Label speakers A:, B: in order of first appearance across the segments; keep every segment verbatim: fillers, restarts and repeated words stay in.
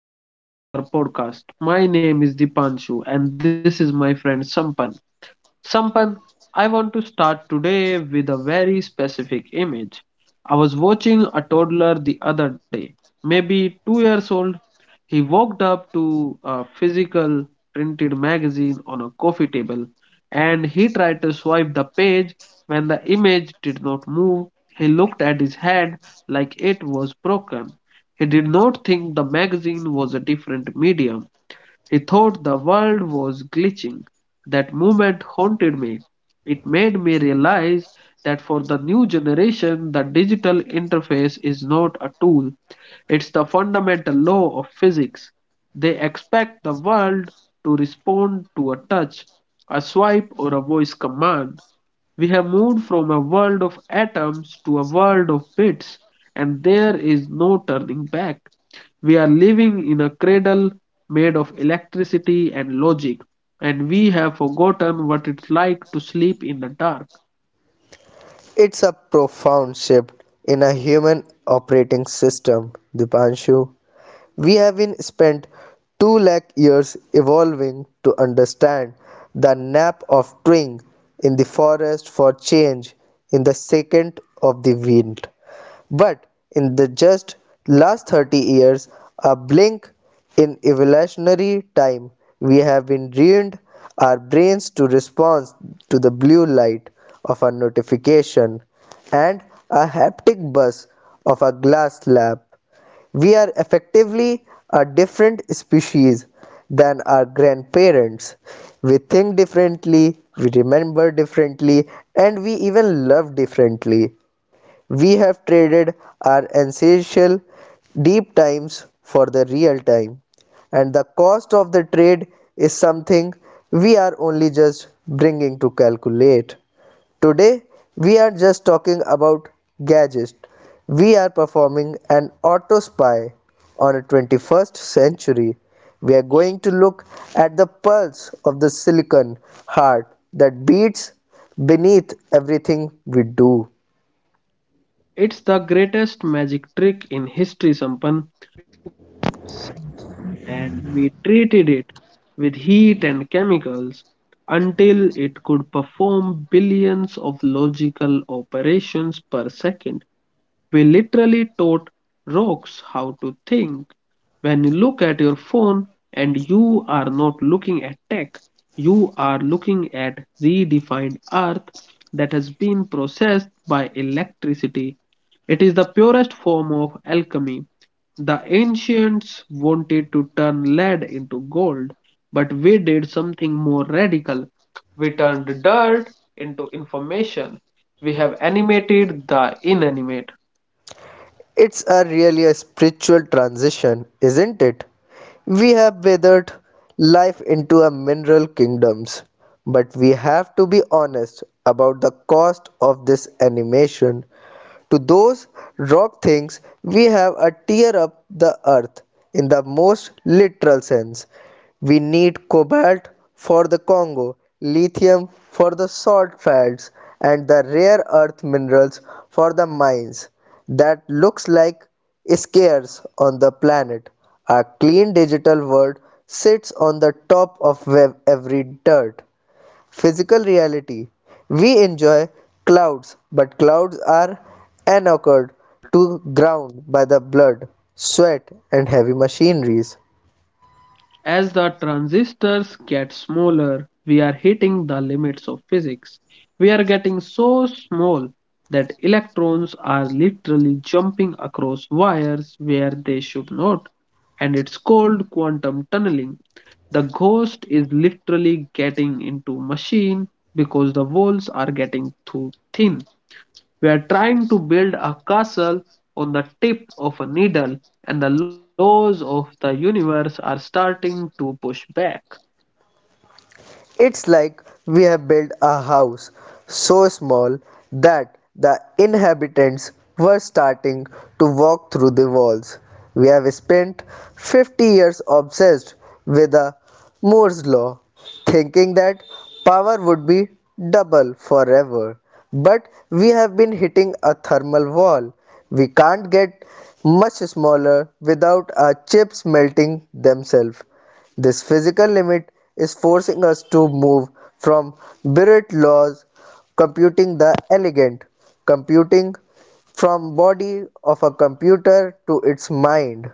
A: and welcome back to our podcast. My name is Dipanshu, and this is my friend Sampan. Sampan, I want to start today with a very specific image. I was watching a toddler the other day, maybe two years old. He walked up to a physical printed magazine on a coffee table and he tried to swipe the page. When the image did not move, he looked at his hand like it was broken. He did not think the magazine was a different medium. He thought the world was glitching. That moment haunted me. It made me realize that for the new generation, the digital interface is not a tool, it's the fundamental law of physics. They expect the world to respond to a touch, a swipe, or a voice command. We have moved from a world of atoms to a world of bits, and there is no turning back. We are living in a cradle made of electricity and logic, and we have forgotten what it's like to sleep in the dark.
B: It's a profound shift in a human operating system, Dipanshu. We have been spent two lakh years evolving to understand the nap of twig in the forest for change in the second of the wind. But in the just last thirty years, a blink in evolutionary time, we have been trained our brains to respond to the blue light of a notification and a haptic buzz of a glass slab. We are effectively a different species than our grandparents. We think differently, we remember differently, and we even love differently. We have traded our ancestral deep times for the real time, and the cost of the trade is something we are only just bringing to calculate. Today, we are just talking about gadgets. We are performing an auto spy on a twenty-first century. We are going to look at the pulse of the silicon heart that beats beneath everything we do.
A: It's the greatest magic trick in history, Sampan, and we treated it with heat and chemicals until it could perform billions of logical operations per second. We literally taught rocks how to think. When you look at your phone and you are not looking at tech, you are looking at redefined earth that has been processed by electricity. It is the purest form of alchemy. The ancients wanted to turn lead into gold, but we did something more radical. We turned dirt into information. We have animated the inanimate.
B: It's a really a spiritual transition, isn't it? We have weathered life into a mineral kingdoms, but we have to be honest about the cost of this animation. To those rock things, we have a tear up the earth in the most literal sense. We need cobalt for the Congo, lithium for the salt fields, and the rare earth minerals for the mines that looks like squares on the planet. A clean digital world sits on the top of ev- every dirt. Physical reality. We enjoy clouds, but clouds are anchored to ground by the blood, sweat, and heavy machineries.
A: As the transistors get smaller, we are hitting the limits of physics. We are getting so small that electrons are literally jumping across wires where they should not, and it's called quantum tunneling. The ghost is literally getting into machine because the walls are getting too thin. We are trying to build a castle on the tip of a needle, and the laws of the universe are starting to push back.
B: It's like we have built a house so small that the inhabitants were starting to walk through the walls. We have spent fifty years obsessed with the Moore's law, thinking that power would be double forever. But we have been hitting a thermal wall. We can't get much smaller without our chips melting themselves. This physical limit is forcing us to move from Bird Law's computing the elegant computing from body of a computer to its mind.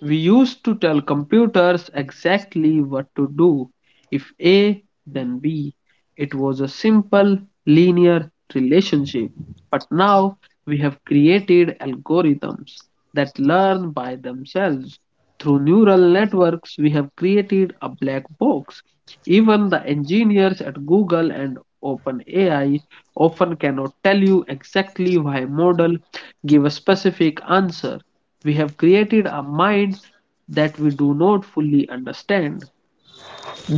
A: We used to tell computers exactly what to do. If A, then B. It was a simple, linear relationship. But now we have created algorithms that learn by themselves. Through neural networks, we have created a black box. Even the engineers at Google and OpenAI often cannot tell you exactly why model give a specific answer. We have created a mind that we do not fully understand.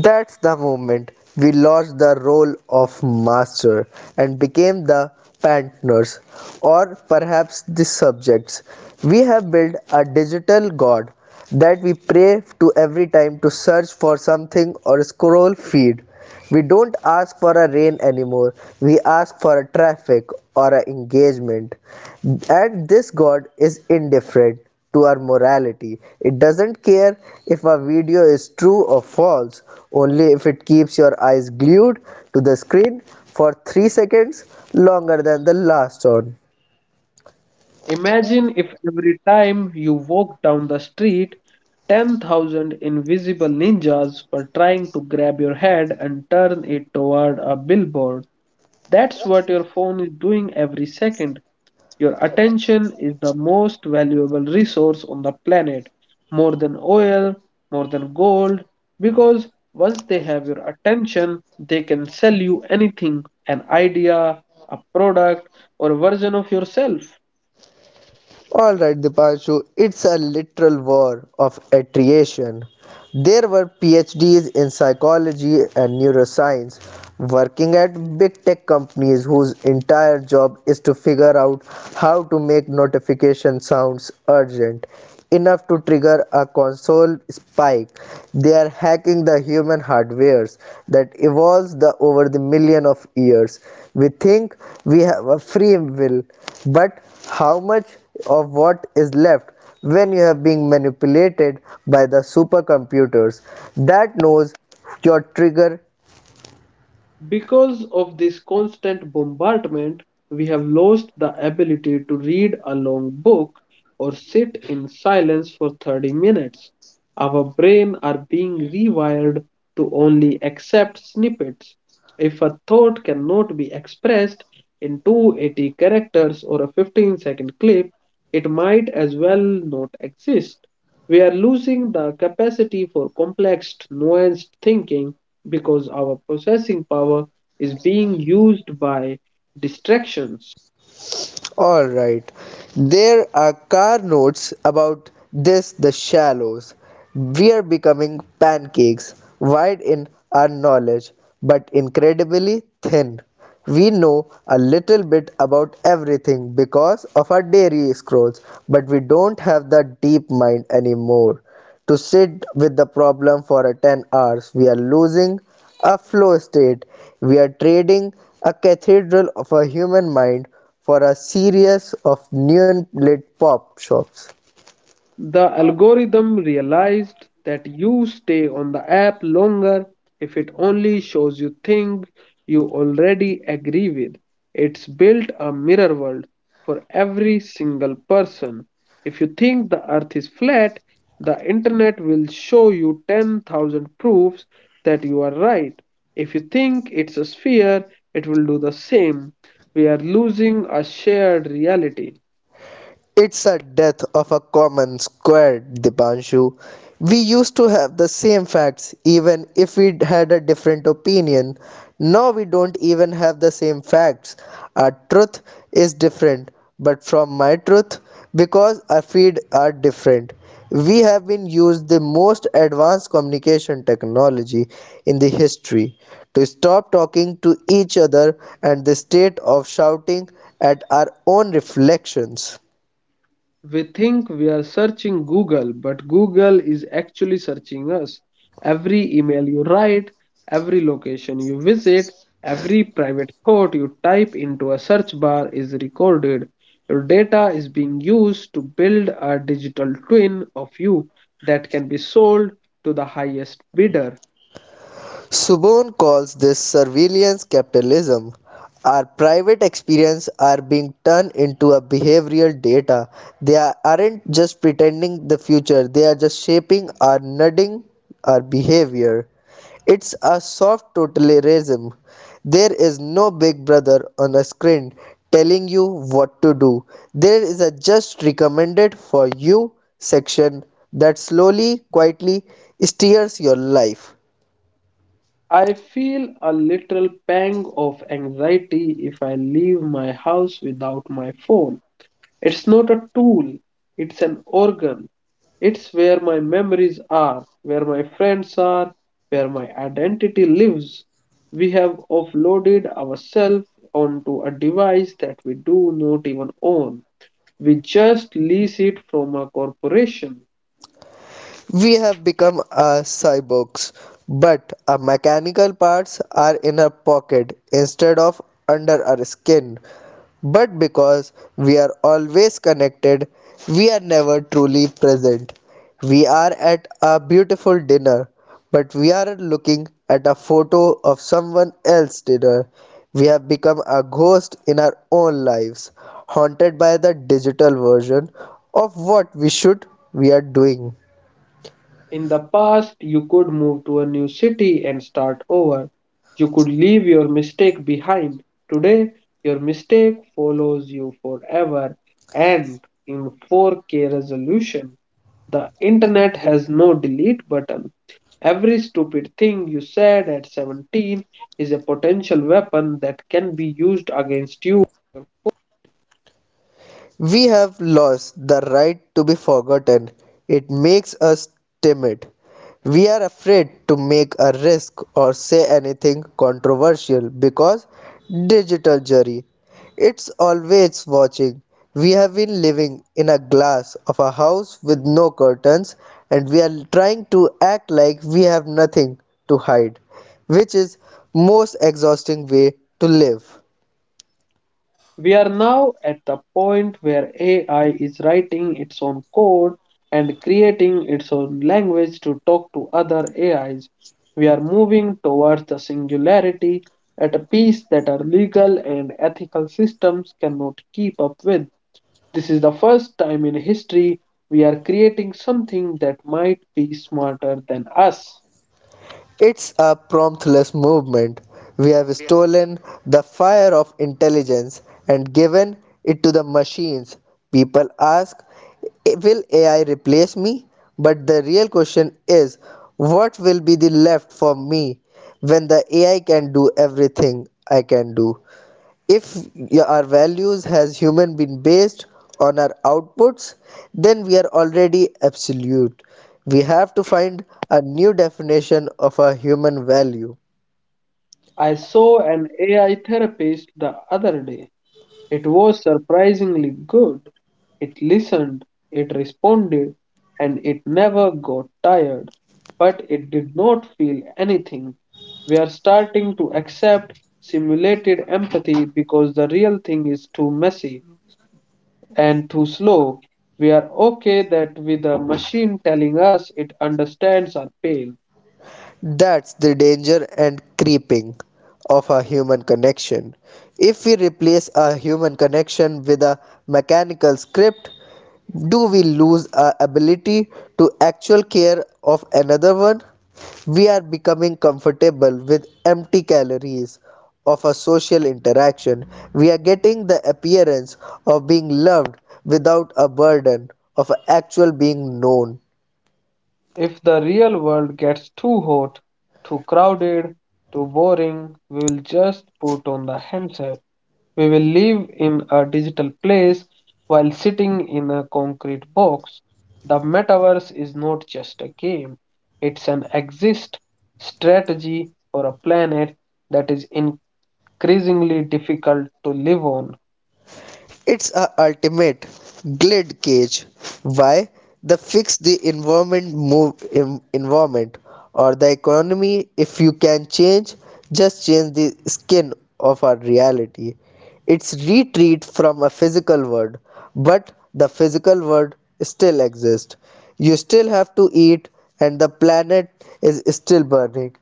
B: That's the moment we lost the role of master and became the partners or perhaps the subjects. We have built a digital god that we pray to every time to search for something or scroll feed. We don't ask for a rain anymore. We ask for a traffic or an engagement. And this God is indifferent to our morality. It doesn't care if a video is true or false, only if it keeps your eyes glued to the screen for three seconds longer than the last one.
A: Imagine if every time you walk down the street, ten thousand invisible ninjas were trying to grab your head and turn it toward a billboard. That's what your phone is doing every second. Your attention is the most valuable resource on the planet, more than oil, more than gold, because once they have your attention, they can sell you anything: an idea, a product, or a version of yourself.
B: All right, Dipanshu, it's a literal war of attrition. There were PhDs in psychology and neuroscience working at big tech companies whose entire job is to figure out how to make notification sounds urgent enough to trigger a console spike. They are hacking the human hardwares that evolves the over the million of years. We think we have a free will, but how much of what is left when you have been manipulated by the supercomputers that knows your trigger.
A: Because of this constant bombardment, we have lost the ability to read a long book or sit in silence for thirty minutes. Our brain are being rewired to only accept snippets. If a thought cannot be expressed in two hundred eighty characters or a fifteen second clip, it might as well not exist. We are losing the capacity for complex, nuanced thinking because our processing power is being used by distractions.
B: All right, there are car notes about this, the shallows. We are becoming pancakes wide in our knowledge, but incredibly thin. We know a little bit about everything because of our dairy scrolls, but we don't have the deep mind anymore to sit with the problem for a ten hours. We are losing a flow state. We are trading a cathedral of a human mind for a series of neon lit pop shops.
A: The algorithm realized that you stay on the app longer if it only shows you things you already agree with. It's built a mirror world for every single person. If you think the earth is flat, the internet will show you ten thousand proofs that you are right. If you think it's a sphere, it will do the same. We are losing a shared reality.
B: It's a death of a common square, Dipanshu. We used to have the same facts even if we had a different opinion. Now we don't even have the same facts. Our truth is different, but from my truth, because our feed are different. We have been used the most advanced communication technology in the history to stop talking to each other and the state of shouting at our own reflections.
A: We think we are searching Google, but Google is actually searching us. Every email you write, every location you visit, every private thought you type into a search bar is recorded. Your data is being used to build a digital twin of you that can be sold to the highest bidder.
B: Subone calls this surveillance capitalism. Our private experiences are being turned into a behavioral data. They are- not just pretending the future, they are just shaping or nudging our behavior. It's a soft totalitarianism. There is no big brother on a screen telling you what to do. There is a just recommended for you section that slowly, quietly steers your life.
A: I feel a little pang of anxiety if I leave my house without my phone. It's not a tool, it's an organ. It's where my memories are, where my friends are, where my identity lives. We have offloaded ourselves onto a device that we do not even own. We just lease it from a corporation.
B: We have become a cyborgs, but our mechanical parts are in our pocket instead of under our skin. But because we are always connected, we are never truly present. We are at a beautiful dinner, but we are looking at a photo of someone else's dinner. We have become a ghost in our own lives, haunted by the digital version of what we should we are doing.
A: In the past, you could move to a new city and start over. You could leave your mistake behind. Today, your mistake follows you forever. And in four K resolution, the internet has no delete button. Every stupid thing you said at seventeen is a potential weapon that can be used against you.
B: We have lost the right to be forgotten. It makes us timid. We are afraid to make a risk or say anything controversial because digital jury. It's always watching. We have been living in a glass of a house with no curtains and we are trying to act like we have nothing to hide, which is most exhausting way to live.
A: We are now at the point where A I is writing its own code and creating its own language to talk to other A Is. We are moving towards the singularity at a pace that our legal and ethical systems cannot keep up with. This is the first time in history we are creating something that might be smarter than us.
B: It's a promptless movement. We have stolen the fire of intelligence and given it to the machines. People ask, "Eh, Will A I replace me? But the real question is, what will be the left for me when the A I can do everything I can do? If our values as human been based on our outputs, then we are already absolute. We have to find a new definition of a human value.
A: I saw an A I therapist the other day. It was surprisingly good. It listened, it responded, and it never got tired. But it did not feel anything. We are starting to accept simulated empathy because the real thing is too messy and too slow. We are okay that with a machine telling us it understands our pain.
B: That's the danger and creeping of a human connection. If we replace a human connection with a mechanical script, do we lose our ability to actual care of another one? We are becoming comfortable with empty calories of a social interaction. We are getting the appearance of being loved without a burden of actual being known.
A: If the real world gets too hot, too crowded, too boring, we will just put on the handset. We will live in a digital place while sitting in a concrete box. The metaverse is not just a game, it's an exist strategy for a planet that is increasingly difficult to live on.
B: It's a ultimate glid cage. Why? The fix the environment move em- environment or the economy if you can change just change the skin of our reality. It's retreat from a physical world, but the physical world still exists. You still have to eat and the planet is still burning.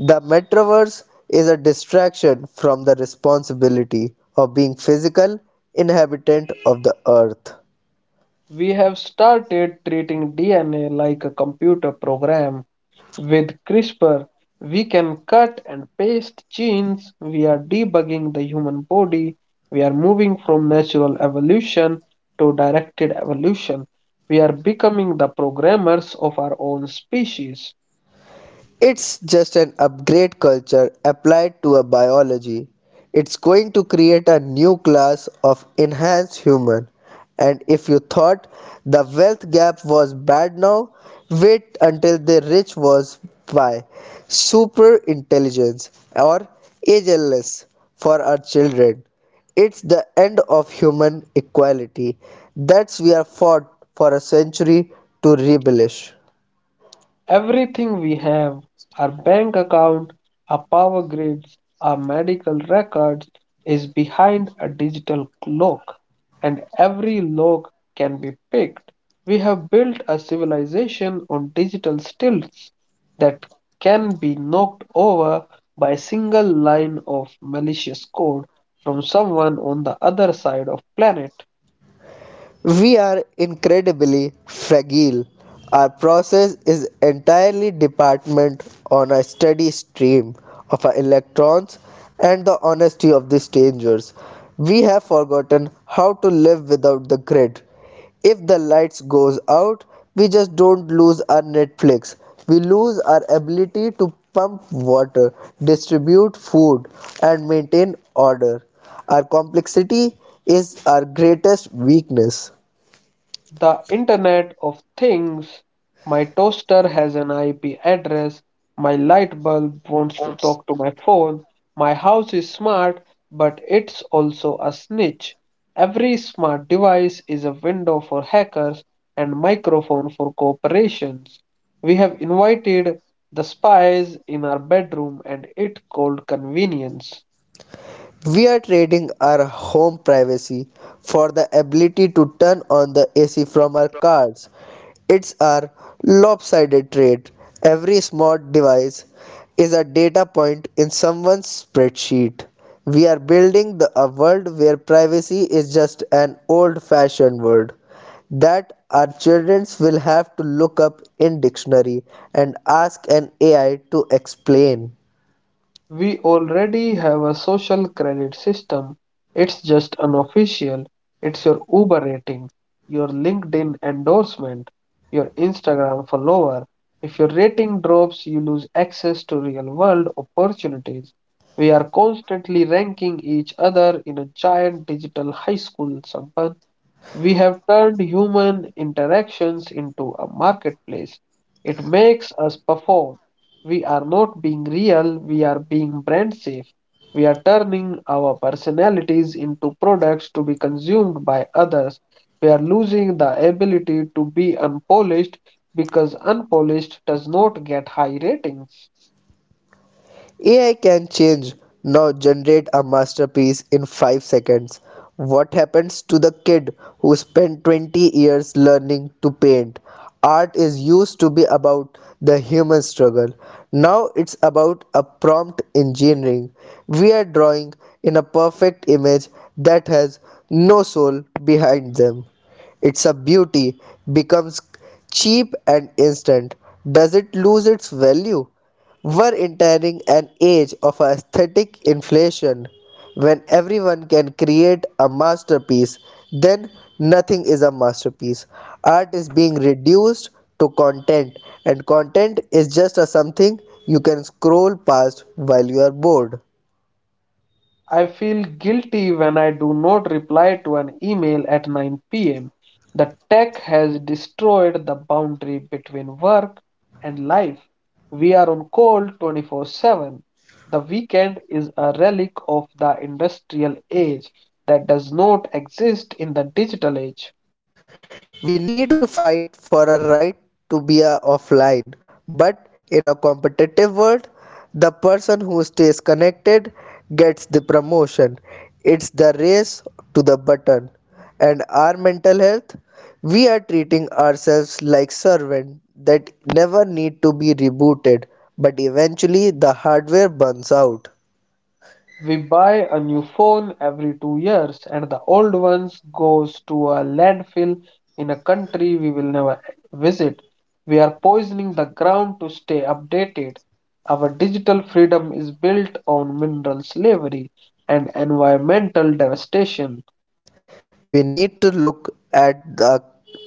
B: The Metroverse is a distraction from the responsibility of being physical inhabitant of the Earth.
A: We have started treating D N A like a computer program. With CRISPR, we can cut and paste genes. We are debugging the human body. We are moving from natural evolution to directed evolution. We are becoming the programmers of our own species.
B: It's just an upgrade culture applied to a biology. It's going to create a new class of enhanced human. And if you thought the wealth gap was bad now, wait until the rich was by super intelligence or ageless for our children. It's the end of human equality that we are fought for a century to rebellish.
A: Everything we have, our bank account, our power grids, our medical records, is behind a digital lock, and every lock can be picked. We have built a civilization on digital stilts that can be knocked over by a single line of malicious code from someone on the other side of planet.
B: We are incredibly fragile. Our process is entirely dependent on a steady stream of our electrons and the honesty of the strangers. We have forgotten how to live without the grid. If the lights goes out, we just don't lose our Netflix. We lose our ability to pump water, distribute food, and maintain order. Our complexity is our greatest weakness.
A: The Internet of Things. My toaster has an I P address. My light bulb wants to talk to my phone. My house is smart, but it's also a snitch. Every smart device is a window for hackers and microphone for corporations. We have invited the spies in our bedroom and it called convenience.
B: We are trading our home privacy for the ability to turn on the A C from our cars. It's our lopsided trade. Every smart device is a data point in someone's spreadsheet. We are building the, a world where privacy is just an old fashioned word that our children will have to look up in dictionary and ask an A I to explain.
A: We already have a social credit system. It's just unofficial. It's your Uber rating, your LinkedIn endorsement, your Instagram follower. If your rating drops, you lose access to real world opportunities. We are constantly ranking each other in a giant digital high school, Sampan. We have turned human interactions into a marketplace. It makes us perform. We are not being real, we are being brand safe. We are turning our personalities into products to be consumed by others. We are losing the ability to be unpolished because unpolished does not get high ratings.
B: A I can change. Now generate a masterpiece in five seconds. What happens to the kid who spent twenty years learning to paint? Art is used to be about the human struggle. Now it's about a prompt engineering. We are drawing in a perfect image that has no soul behind them. It's a beauty, becomes cheap and instant. Does it lose its value? We're entering an age of aesthetic inflation when everyone can create a masterpiece, then nothing is a masterpiece. Art is being reduced to content, and content is just a something you can scroll past while you are bored.
A: I feel guilty when I do not reply to an email at nine p m. The tech has destroyed the boundary between work and life. We are on call twenty-four seven. The weekend is a relic of the industrial age that does not exist in the digital age.
B: We need to fight for our right to be uh, offline. But in a competitive world, the person who stays connected gets the promotion. It's the race to the button. And our mental health, we are treating ourselves like servants that never need to be rebooted, but eventually the hardware burns out.
A: We buy a new phone every two years, and the old ones goes to a landfill in a country we will never visit. We are poisoning the ground to stay updated. Our digital freedom is built on mineral slavery and environmental devastation.
B: We need to look at the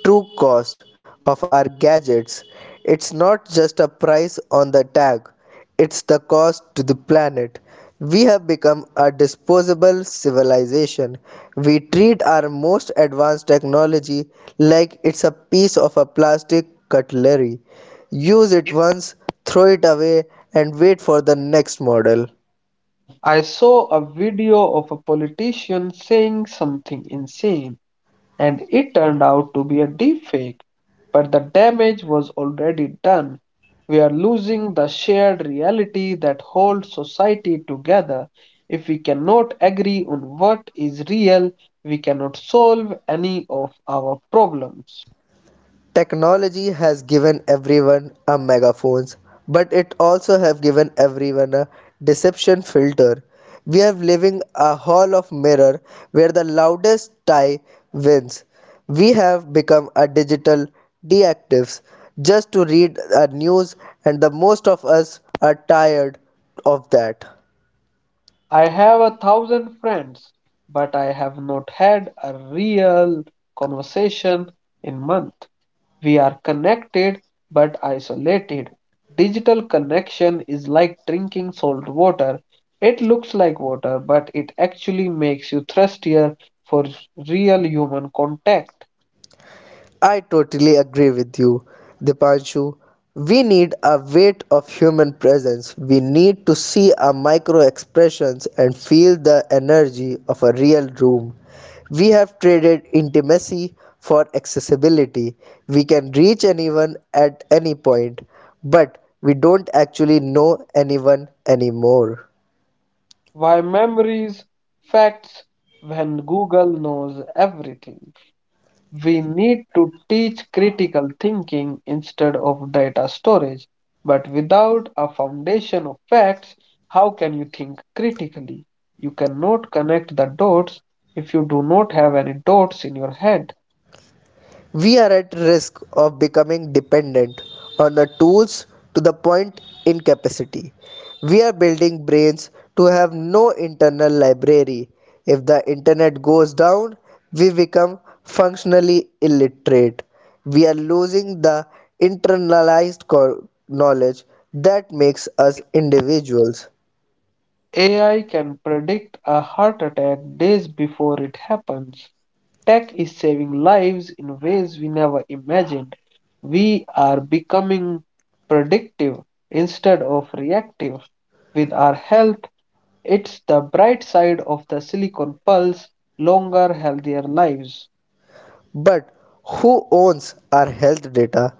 B: true cost of our gadgets. It's not just a price on the tag, it's the cost to the planet. We have become a disposable civilization. We treat our most advanced technology like it's a piece of a plastic cutlery. Use it once, throw it away, and wait for the next model.
A: I saw a video of a politician saying something insane, and it turned out to be a deepfake. But the damage was already done. We are losing the shared reality that holds society together. If we cannot agree on what is real, we cannot solve any of our problems.
B: Technology has given everyone a megaphone, but it also have given everyone a deception filter. We are living a hall of mirror where the loudest tie wins. We have become a digital deactives just to read a news and the most of us are tired of that.
A: I have a thousand friends, but I have not had a real conversation in months. We are connected but isolated. Digital connection is like drinking salt water. It looks like water, but it actually makes you thirstier for real human contact.
B: I totally agree with you, Dipanshu. We need a weight of human presence. We need to see our micro expressions and feel the energy of a real room. We have traded intimacy for accessibility. We can reach anyone at any point, but we don't actually know anyone anymore.
A: Why memories, facts, when Google knows everything? We need to teach critical thinking instead of data storage. But without a foundation of facts, how can you think critically? You cannot connect the dots if you do not have any dots in your head.
B: We are at risk of becoming dependent on the tools to the point incapacity. We are building brains to have no internal library. If the internet goes down, we become functionally illiterate. We are losing the internalized knowledge that makes us individuals.
A: A I can predict a heart attack days before it happens. Tech is saving lives in ways we never imagined. We are becoming predictive instead of reactive with our health. It's the bright side of the Silicon Pulse, longer, healthier lives.
B: But who owns our health data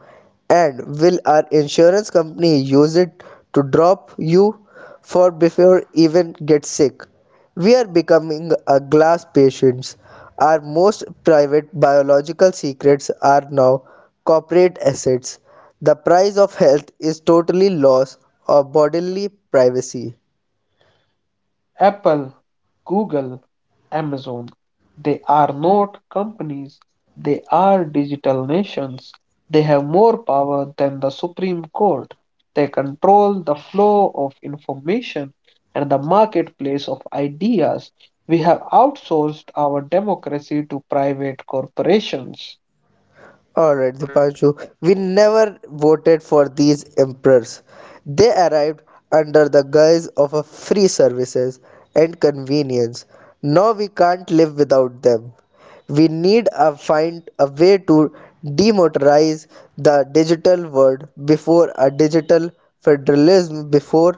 B: and will our insurance company use it to drop you for before even get sick? We are becoming a glass patients. Our most private biological secrets are now corporate assets. The price of health is totally loss of bodily privacy.
A: Apple, Google, Amazon, they are not companies, they are digital nations. They have more power than the Supreme Court. They control the flow of information and the marketplace of ideas. We have outsourced our democracy to private corporations.
B: Alright, Dipanshu, we never voted for these emperors. They arrived under the guise of a free services and convenience. Now we can't live without them. We need to find a way to demotarize the digital world before a digital federalism before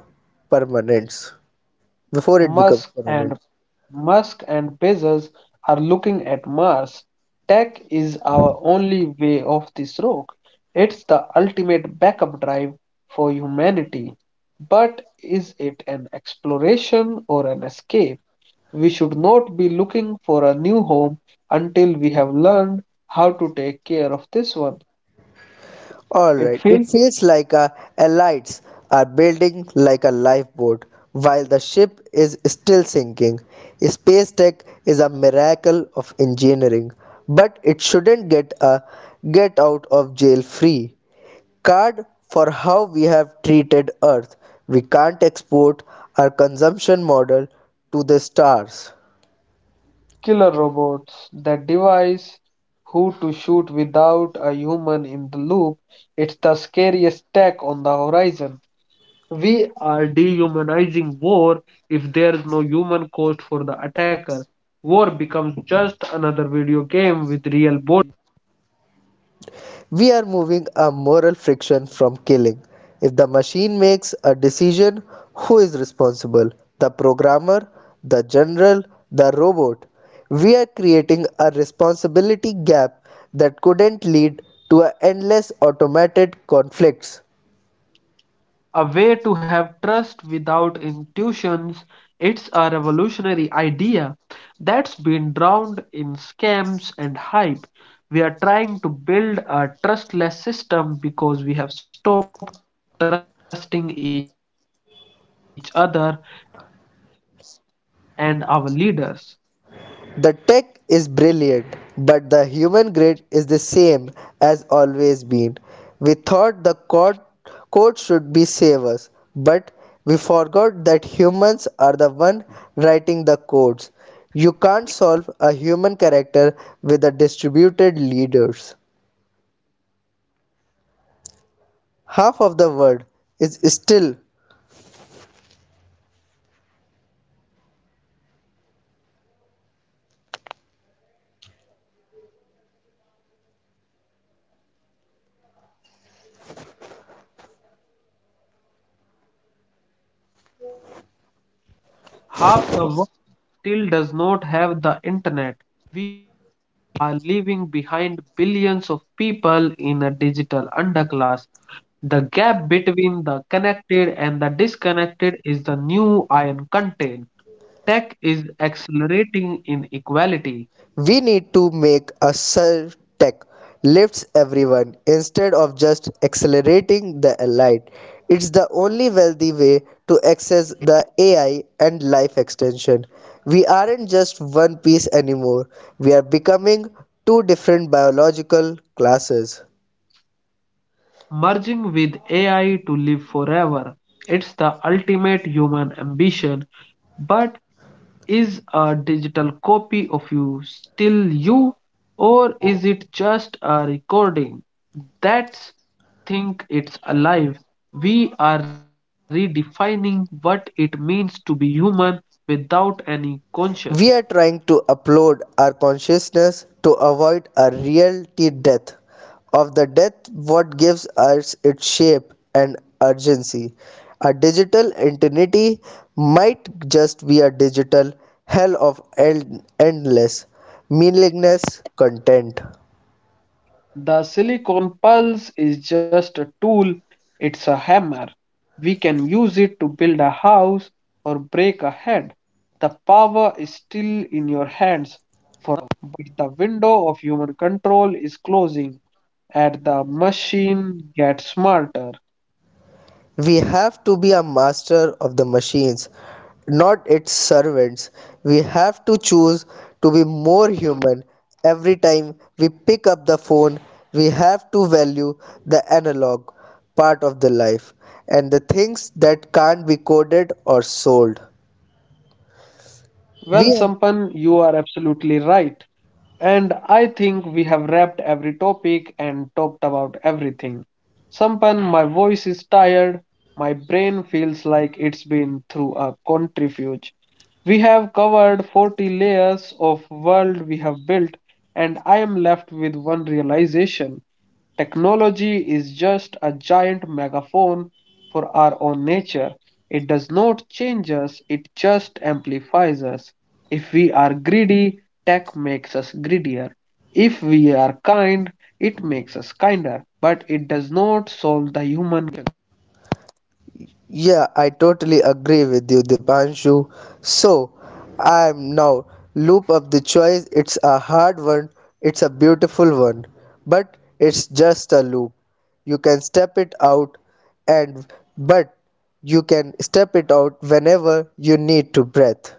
B: permanence. Before it becomes
A: Musk and
B: permanent.
A: Musk and Bezos are looking at Mars. Tech is our only way off this rock. It's the ultimate backup drive for humanity. But is it an exploration or an escape? We should not be looking for a new home until we have learned how to take care of this one. It
B: Alright, it
A: feels
B: feels like uh, a elites are building like a lifeboat while the ship is still sinking. Space tech is a miracle of engineering, but it shouldn't get a get out of jail free card for how we have treated Earth. We can't export our consumption model to the stars.
A: killer robots that devise who to shoot without a human in the loop. It's the scariest tech on the horizon. We are dehumanizing war if there's no human cost for the attacker. War becomes just another video game with real
B: We are moving a moral friction from killing. If the machine makes a decision, who is responsible? The programmer, the general, the robot? We are creating a responsibility gap that couldn't lead to a endless automated conflicts.
A: a way to have trust without intuitions. It's a revolutionary idea that's been drowned in scams and hype. We are trying to build a trustless system because we have stopped trusting each other and our leaders.
B: The tech is brilliant, but the human grid is the same as always been. We thought the code, code should be save us, but we forgot that humans are the one writing the codes. You can't solve a human character with the distributed leaders. Half of the world is still.
A: Half the world still does not have the internet. Are leaving behind billions of people in a digital underclass. The gap between the connected and the disconnected is the new iron content. Tech is accelerating inequality.
B: We need to make a surtech lifts everyone instead of just accelerating the elite. It's the only wealthy way to access the A I and life extension. We aren't just one piece anymore. We are becoming two different biological classes.
A: Merging with A I to live forever. It's the ultimate human ambition, but is a digital copy of you still you, or is it just a recording? That's think it's alive. We are redefining what it means to be human without any conscience.
B: We are trying to upload our consciousness to avoid a reality death of the death what gives us its shape and urgency. A digital eternity might just be a digital hell of en- endless, meaningless content.
A: The silicon pulse is just a tool, it's a hammer. We can use it to build a house or break a head. The power is still in your hands, but the window of human control is closing and the machine gets smarter.
B: We have to be a master of the machines, not its servants. We have to choose to be more human. Every time we pick up the phone, we have to value the analog part of the life and the things that can't be coded or sold.
A: Well,
B: We.
A: Sampan, you are absolutely right. And I think we have wrapped every topic and talked about everything. Sampan, my voice is tired. My brain feels like it's been through a centrifuge. We have covered forty layers of world we have built, and I am left with one realization. Technology is just a giant megaphone for our own nature. It does not change us, it just amplifies us. If we are greedy, tech makes us greedier. If we are kind, it makes us kinder. But it does not solve the human.
B: Yeah, I totally agree with you, Dipanshu. So, I am now loop of the choice. It's a hard one, it's a beautiful one, but it's just a loop. You can step it out and but you can step it out whenever you need to breath.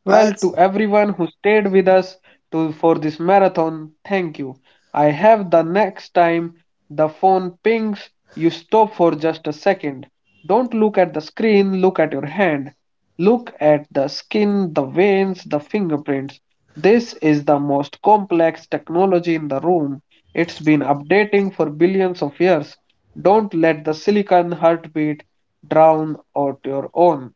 A: Well,
B: I.
A: to everyone who stayed with us to for this marathon, thank you. I have the next time the phone pings, you stop for just a second. Don't look at the screen, look at your hand. Look at the skin, the veins, the fingerprints. This is the most complex technology in the room. It's been updating for billions of years. Don't let the silicon heartbeat drown out your own.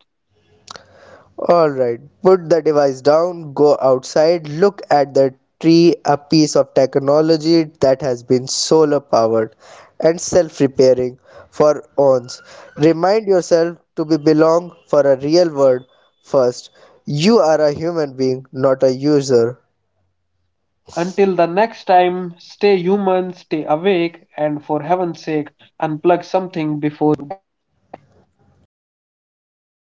B: Alright, put the device down, go outside, look at the tree, a piece of technology that has been solar powered and self repairing for ons. Remind yourself to be belong for a real world first. You are a human being, not a user.
A: Until the next time, stay human, stay awake, and for heaven's sake, unplug something before.
B: Thank you,